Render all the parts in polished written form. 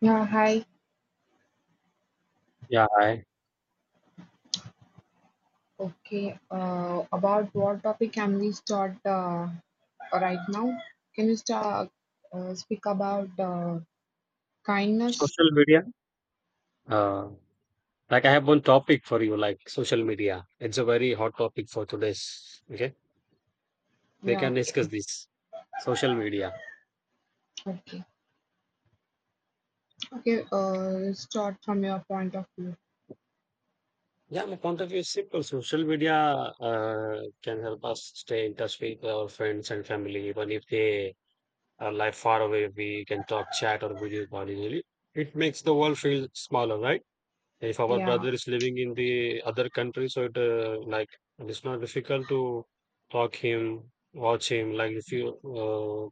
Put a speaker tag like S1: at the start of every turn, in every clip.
S1: Yeah, hi.
S2: Yeah,
S1: Okay. About what topic can we start right now? Can you start speak about kindness?
S2: social media. Uh, like I have one topic for you, like social media. It's a very hot topic for today's. Okay, we
S1: Yeah.
S2: can discuss
S1: Okay.
S2: this. Social media.
S1: Okay. Okay. Start from your point of view.
S2: Yeah, my point of view is simple. Social media can help us stay in touch with our friends and family, even if they are live far away. We can talk, chat, or video call easily. It makes the world feel smaller, right? If our
S1: Yeah.
S2: brother is living in the other country, so it, it's not difficult to talk him, watch him, like if you uh,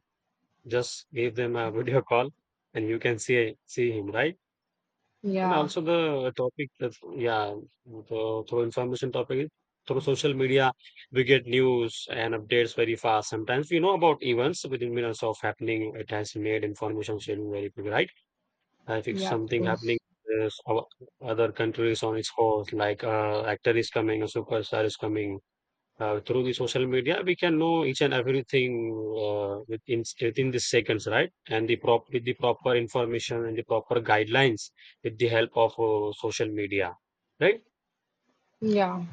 S2: just give them a video call and you can see him, right? And
S1: Yeah.
S2: also the topic that, yeah, through information topic is, through social media, we get news and updates very fast. Sometimes we know about events within minutes of happening. It has made information sharing very quick, right? I think
S1: Yeah. Of
S2: something happening
S1: course.
S2: is other countries on its horse, like actor is coming, a superstar is coming. Through the social media, we can know each and everything within the seconds, right? And the prop with the proper information and the proper guidelines with the help of social media, right?
S1: Yeah.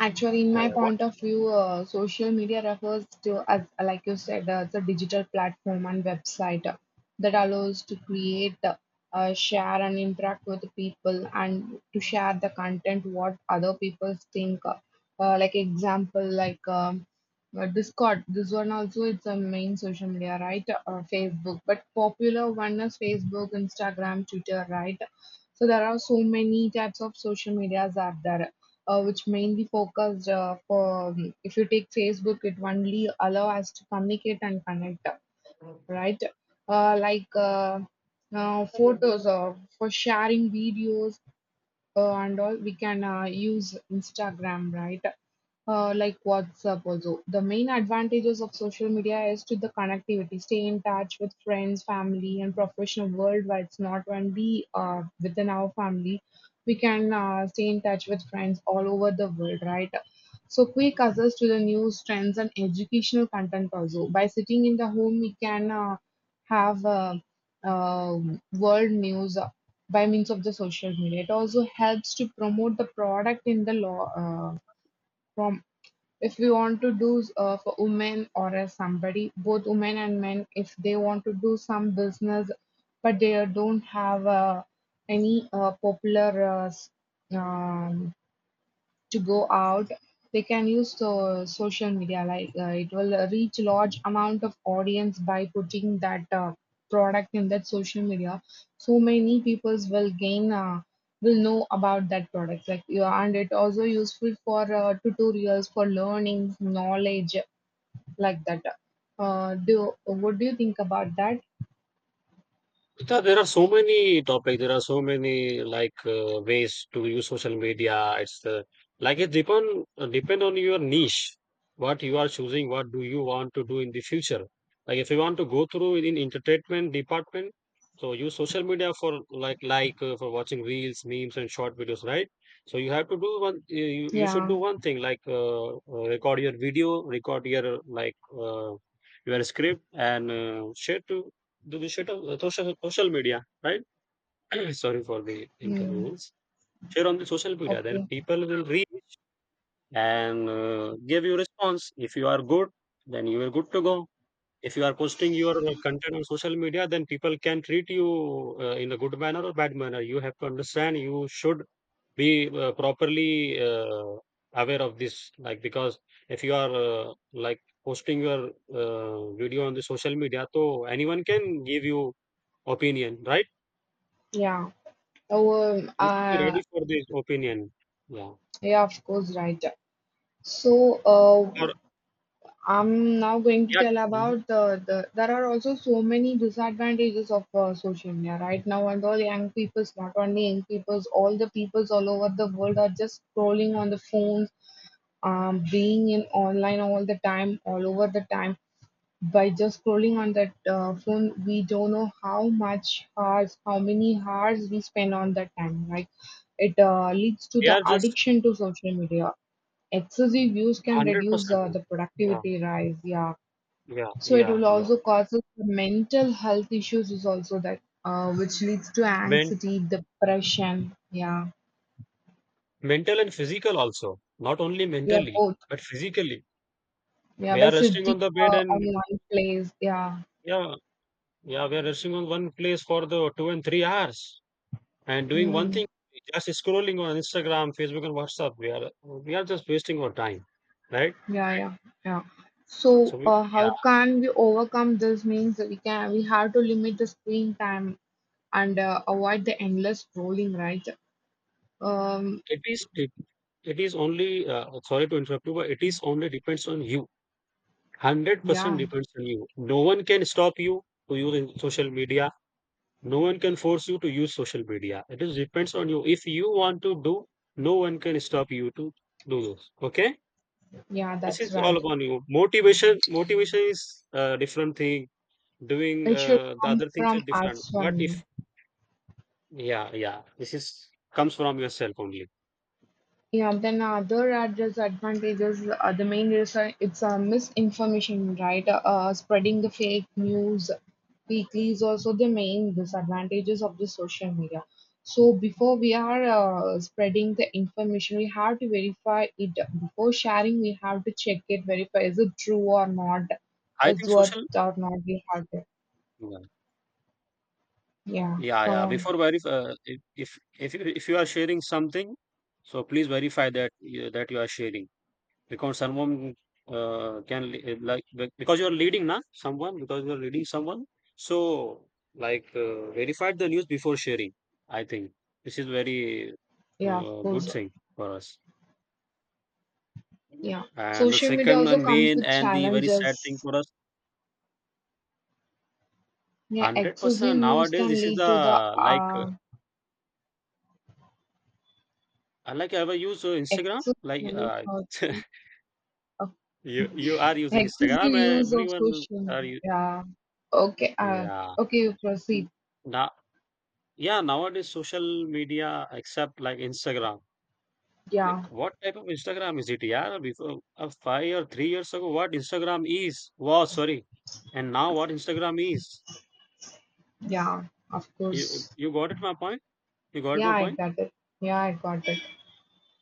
S1: Actually, in
S2: Uh,
S1: my point of view, social media refers to, as like you said, it's a digital platform and website that allows to create, share, and interact with people, and to share the content what other people think. Like example, like Discord. This one also it's a main social media, right? Facebook, but popular one is Facebook, Instagram, Twitter, right? So there are so many types of social medias out there which mainly focused for if you take Facebook, it only allow us to communicate and connect, right? Uh, like uh, Photos or for sharing videos and all we can use instagram, right. Like whatsapp, also the main advantages of social media is to the connectivity, stay in touch with friends, family, and professional world, where it's not only within our family, we can stay in touch with friends all over the world, right. So quick access to the news, trends, and educational content also, by sitting in the home we can have uh, world news by means of the social media. It also helps to promote the product in the law. Uh, from if we want to do for women or as somebody, both women and men, if they want to do some business, but they don't have any popular um, to go out, they can use social media. It will reach large amount of audience by putting that product in that social media. So many peoples will gain. Will know about that product like you, and it also useful for tutorials, for learning knowledge like that. Do what do you think about that?
S2: Yeah, there are so many topics. There are so many like ways to use social media. It's like it depend on your niche, what you are choosing, what do you want to do in the future. Like if you want to go through in entertainment department, so use social media for like for watching reels, memes, and short videos, right? So you have to do one. You should do
S1: Yeah.
S2: one thing like record your video, record your like your script, and share to the share of the social media, right? Sorry for the
S1: Mm.
S2: inconvenience. Share on the social media, then
S1: Okay.
S2: people will read and give you response. If you are good, then you are good to go. If you are posting your content on social media, then people can treat you in a good manner or bad manner. You have to understand. You should be properly aware of this, like because if you are like posting your video on the social media, so anyone can give you opinion, right?
S1: Yeah. Oh, um,
S2: You should be
S1: uh,
S2: ready for this opinion. Yeah.
S1: yeah, of course, right. So,
S2: Or
S1: I'm now going to
S2: yeah,
S1: tell
S2: mhm.
S1: about the there are also so many disadvantages of social media right now, and all young peoples, not only young peoples, all the peoples all over the world are just scrolling on the phones, being in online all the time, all over the time, by just scrolling on that phone. We don't know how much hours, how many hours we spend on that time. Like, it leads to
S2: They
S1: the
S2: are just
S1: addiction to social media. Excessive use can reduce
S2: 100%.
S1: the
S2: Yeah,
S1: productivity rise. Yeah,
S2: yeah,
S1: so it
S2: yeah,
S1: will
S2: yeah,
S1: also
S2: yeah.
S1: cause us the mental health issues. Is also that which leads to
S2: Men
S1: anxiety, depression. Yeah,
S2: Mental and physical also, not only
S1: we are
S2: mentally,
S1: both.
S2: but physically.
S1: Yeah,
S2: We
S1: by
S2: are resting
S1: sitting
S2: on the bed and,
S1: on one place. Yeah.
S2: yeah, yeah, we are resting on one place for the 2 and 3 hours and doing one thing,
S1: Hmm.
S2: just scrolling on Instagram, Facebook, and WhatsApp. We are just wasting our time, right?
S1: Yeah, yeah, yeah.
S2: So
S1: So,
S2: we, yeah,
S1: how can we overcome this? Means that we have to limit the screen time and avoid the endless scrolling, right? Um,
S2: it is it, it is only sorry to interrupt you, but it is only depends on you. 100%
S1: yeah,
S2: depends on you. No one can stop you to use social media. No one can force you to use social media. It is depends on you. If you want to do, no one can stop you to do those. Okay,
S1: yeah,
S2: this
S1: that's
S2: is all
S1: right.
S2: upon you. Motivation, motivation is a different thing. Doing
S1: It should
S2: the
S1: come
S2: other things are
S1: from
S2: different.
S1: us
S2: But if,
S1: only.
S2: yeah, yeah, this is comes from yourself only.
S1: Yeah, then other adverse advantages, the main reason it's misinformation, right? Spreading the fake news weekly is also the main disadvantages of the social media. So before we are spreading the information, we have to verify it. Before sharing, we have to check it, verify, is it true or not,
S2: I
S1: is
S2: think
S1: worth
S2: social.
S1: or not. We have to,
S2: Yeah,
S1: yeah,
S2: yeah,
S1: come
S2: yeah.
S1: on,
S2: Before verify, if you if you are sharing something, so please verify that you are sharing. Because someone can le- eh, like be- because you are leading na someone, because you are leading someone, so like verified the news before sharing. I think this is very
S1: yeah, of course,
S2: good thing for us.
S1: yeah.
S2: And the
S1: Social media
S2: second
S1: also
S2: and
S1: comes
S2: main
S1: with
S2: and the very sad thing
S1: challenges.
S2: for us:
S1: Yeah,
S2: 100%
S1: excessive use
S2: nowadays
S1: can
S2: this is
S1: lead to the
S2: the, like I like ever use instagram, like
S1: excessive outrage of
S2: you are using
S1: excessive
S2: instagram,
S1: use of
S2: everyone.
S1: social
S2: Are
S1: media.
S2: you?
S1: Yeah. Okay.
S2: Yeah,
S1: Okay. You proceed.
S2: now. Yeah, nowadays social media except like Instagram.
S1: Yeah.
S2: Like what type of Instagram is it? Yeah, before 5 or 3 years ago, what Instagram is was sorry, and now what Instagram is.
S1: Yeah. Of
S2: You
S1: course.
S2: you got it my point? You got
S1: Yeah.
S2: my
S1: I
S2: point?
S1: got it. Yeah. I got it.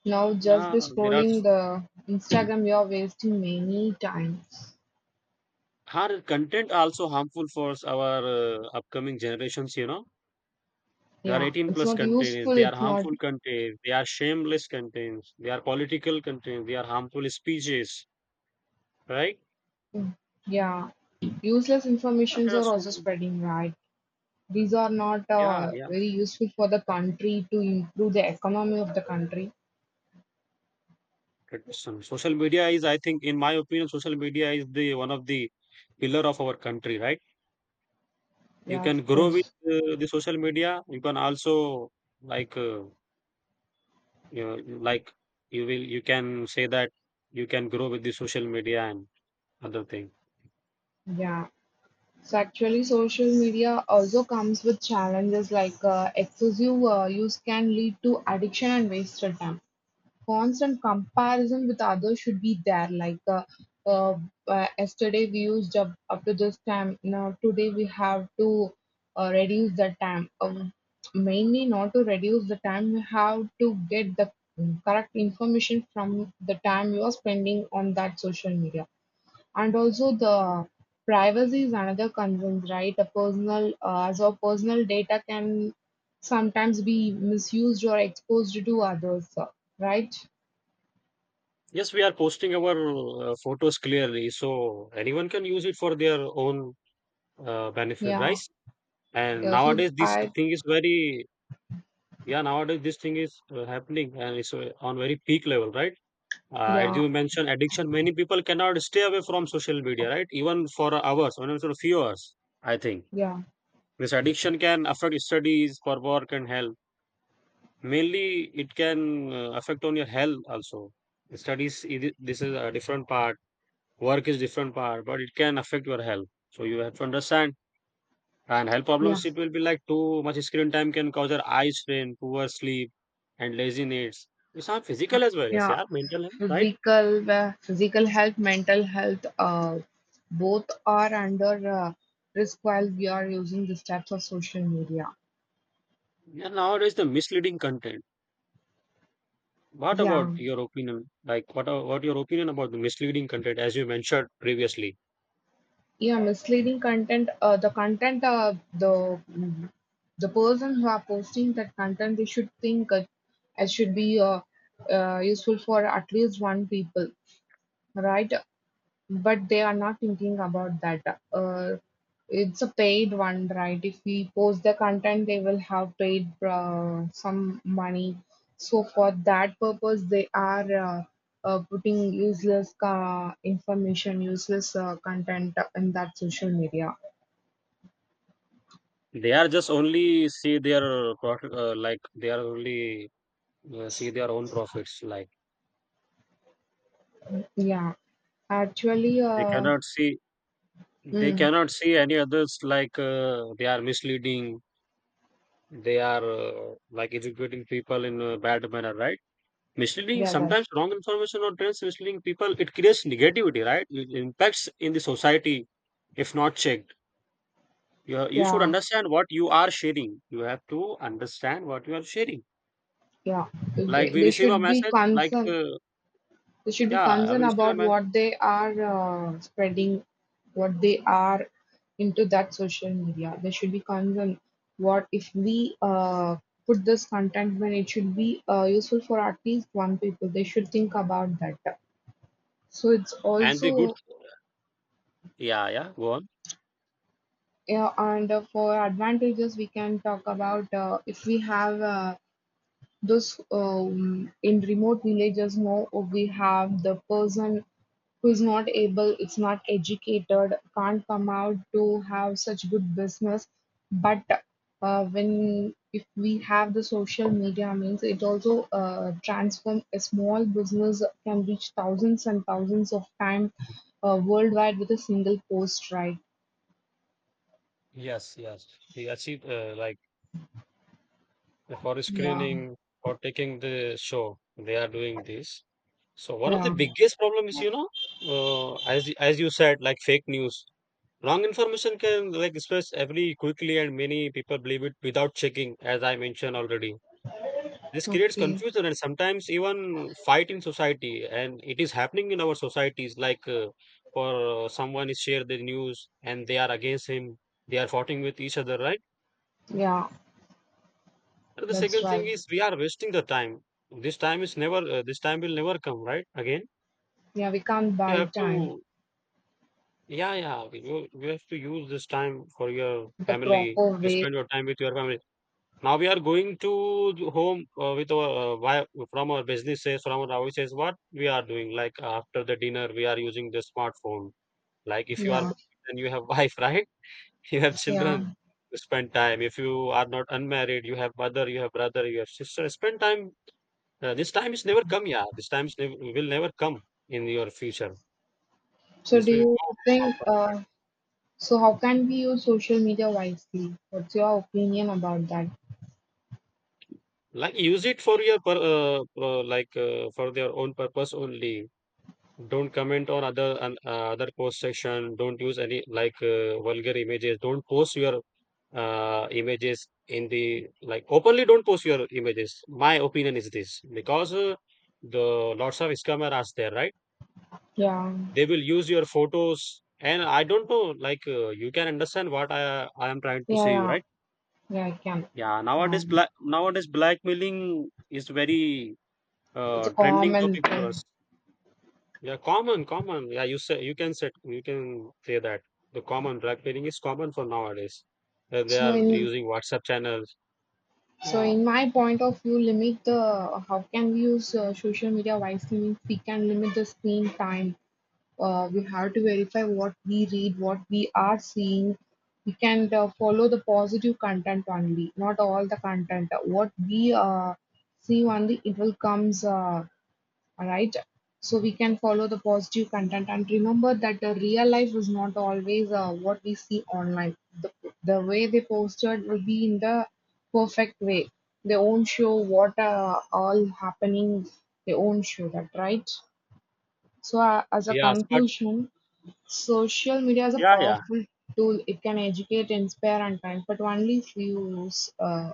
S1: Now, just
S2: Yeah,
S1: by
S2: there are
S1: scrolling
S2: s-
S1: the Instagram, you are wasting many times.
S2: our content also harmful for our upcoming generations. You know, they are
S1: Yeah.
S2: 18
S1: It's
S2: plus
S1: not
S2: content.
S1: useful.
S2: They are
S1: It's not.
S2: harmful content. They are shameless content. They are political content. They are harmful speeches. Right?
S1: Yeah. Useless informations
S2: There are
S1: are also
S2: so
S1: spreading, right? These are not
S2: Yeah, yeah.
S1: very useful for the country to improve the economy of the country.
S2: Tradition. Social media is, I think, in my opinion, social media is the one of the pillar of our country, right? You
S1: Yeah,
S2: can
S1: of
S2: grow with
S1: course.
S2: the social media. You can also like you know, like you will you can say that you can grow with the social media and other thing.
S1: Yeah. So actually, social media also comes with challenges, like excessive use can lead to addiction and wasted time. Constant comparison with others should be there. Like uh, yesterday we used up, up to this time. Now today we have to reduce the time. Mainly not to reduce the time. We have to get the correct information from the time you are spending on that social media. And also the privacy is another concern, right? A personal, as our personal data can sometimes be misused or exposed to others, right?
S2: Yes, we are posting our photos clearly, so anyone can use it for their own benefit, right?
S1: Yeah,
S2: And
S1: yeah.
S2: nowadays, this thing is very, yeah. Nowadays, this thing is happening and it's on very peak level, right? As
S1: Yeah,
S2: you mentioned, addiction, many people cannot stay away from social media, right? Even for hours, even for a few hours, I think.
S1: yeah,
S2: This addiction can affect studies, for work, and health. Mainly, it can affect on your health also. Studies, this is a different part. Work is different part, but it can affect your health. So you have to understand. And health
S1: yeah,
S2: problems, it will be like too much screen time can cause your eye strain, poor sleep, and laziness. It's not physical as well as,
S1: yeah.
S2: yeah, mental health, right?
S1: Physical, physical health, mental health, both are under risk while we are using these types of social media.
S2: Yeah, nowadays the misleading content. What about
S1: Yeah,
S2: your opinion? Like, what are, what your opinion about the misleading content? As you mentioned previously,
S1: yeah. Misleading content. The person who are posting that content, they should think it, it should be useful for at least one people, right? But they are not thinking about that. It's a paid one, right? If we post the content, they will have paid some money. So for that purpose, they are putting useless information, useless content in that social media.
S2: they are just only see their profit, like they are only see their own profits. Like
S1: Yeah, actually,
S2: they cannot see, they
S1: mm,
S2: cannot see any others. Like they are misleading. They are like educating people in a bad manner, right? Misleading
S1: yeah, that,
S2: sometimes wrong information or trends misleading people. It creates negativity, right? It impacts in the society if not checked. Yeah, you should
S1: yeah,
S2: understand what you are sharing. You have to understand what you are sharing.
S1: yeah.
S2: Like we
S1: They
S2: receive a
S1: should be
S2: message, like
S1: concerned. They should be
S2: yeah, we
S1: concerned
S2: receive a
S1: about
S2: message,
S1: what they are spreading, what they are into that social media. They should be concerned, what if we put this content, when it should be useful for at least one people. They should think about that. So it's
S2: and the good,
S1: also
S2: yeah, yeah, go on.
S1: yeah, and for advantages we can talk about if we have. Thus, in remote villages, now we have the person who is not able, it's not educated, can't come out to have such good business. But when if we have the social media, means it also transform a small business, can reach thousands and thousands of times worldwide with a single post, right?
S2: Yes, yes. He achieved like for
S1: Yeah.
S2: screening or taking the show, they are doing this. So one of the
S1: Yeah.
S2: biggest problem is, you know, as you said, like fake news, wrong information can like spread every quickly, and many people believe it without checking, as I mentioned already. This creates
S1: Okay.
S2: confusion and sometimes even fight in society, and it is happening in our societies. Like for someone is share the news and they are against him, they are fighting with each other, right?
S1: Yeah,
S2: And the
S1: that's
S2: second thing
S1: right.
S2: is we are wasting the time. This time is never. This time will never come, right? Again,
S1: Yeah, we can't
S2: you
S1: buy
S2: have
S1: time
S2: to. Yeah, yeah. You have to use this time for your
S1: the
S2: family.
S1: proper
S2: You
S1: way.
S2: spend your time with your family. Now we are going to home from our businesses, from our offices. What we are doing? Like after the dinner, we are using the smartphone. Like if you are
S1: Yeah,
S2: married and you have wife, right? You have children
S1: yeah.
S2: to spend time. If you are not unmarried, you have mother, you have brother, you have sister. Spend time. This time is never come, yeah. This time is nev will never come in your future.
S1: So
S2: This
S1: do
S2: will
S1: you
S2: go out.
S1: think, so how can we use social media wisely? What's your opinion about that?
S2: Like use it for your like for their own purpose only. Don't comment on other on other post section. Don't use any like vulgar images. Don't post your images in the like openly. Don't post your images. My opinion is this because the lots of scammer are there, right?
S1: Yeah,
S2: They will use your photos, and I don't know. Like you can understand what I am trying to
S1: yeah,
S2: say, you
S1: yeah,
S2: right?
S1: yeah, I can. Yeah,
S2: Nowadays blackmailing is very
S1: it's a
S2: trending
S1: common
S2: topic for
S1: thing.
S2: us. Yeah, common, common. Yeah, you say you can set you can say that the common drug pairing is common for nowadays. That they
S1: So
S2: are
S1: in
S2: using WhatsApp channels.
S1: so
S2: Wow.
S1: in my point of view, limit the how can we use social media wisely means, we can limit the screen time, we have to verify what we read, what we are seeing. We can follow the positive content only, not all the content. What we see only, it will comes right. So we can follow the positive content, and remember that the real life is not always what we see online. The, the way they posted will be in the perfect way. They won't show what all happening. They won't show that, right? So as a
S2: Yes, but
S1: conclusion, social media is a
S2: yeah, yeah,
S1: powerful tool. It can educate, inspire, and kind, but only if you use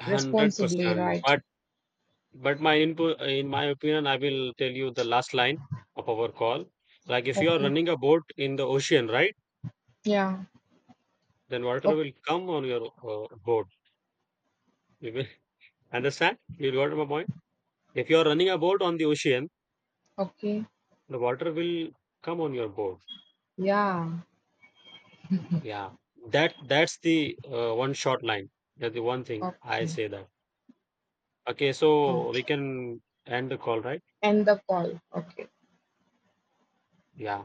S2: hundred
S1: responsibly,
S2: percent.
S1: right?
S2: But my input, in my opinion, I will tell you the last line of our call. Like if you are
S1: Okay.
S2: running a boat in the ocean, right?
S1: Yeah.
S2: Then water
S1: Okay.
S2: will come on your boat. You will understand? You got my point? If you are running a boat on the ocean,
S1: Okay.
S2: the water will come on your boat.
S1: Yeah.
S2: Yeah, that that's the one short line. That's the one thing I
S1: Okay.
S2: say that. Okay, so we
S1: Okay.
S2: can end the call, right?
S1: End the call. Okay.
S2: Yeah.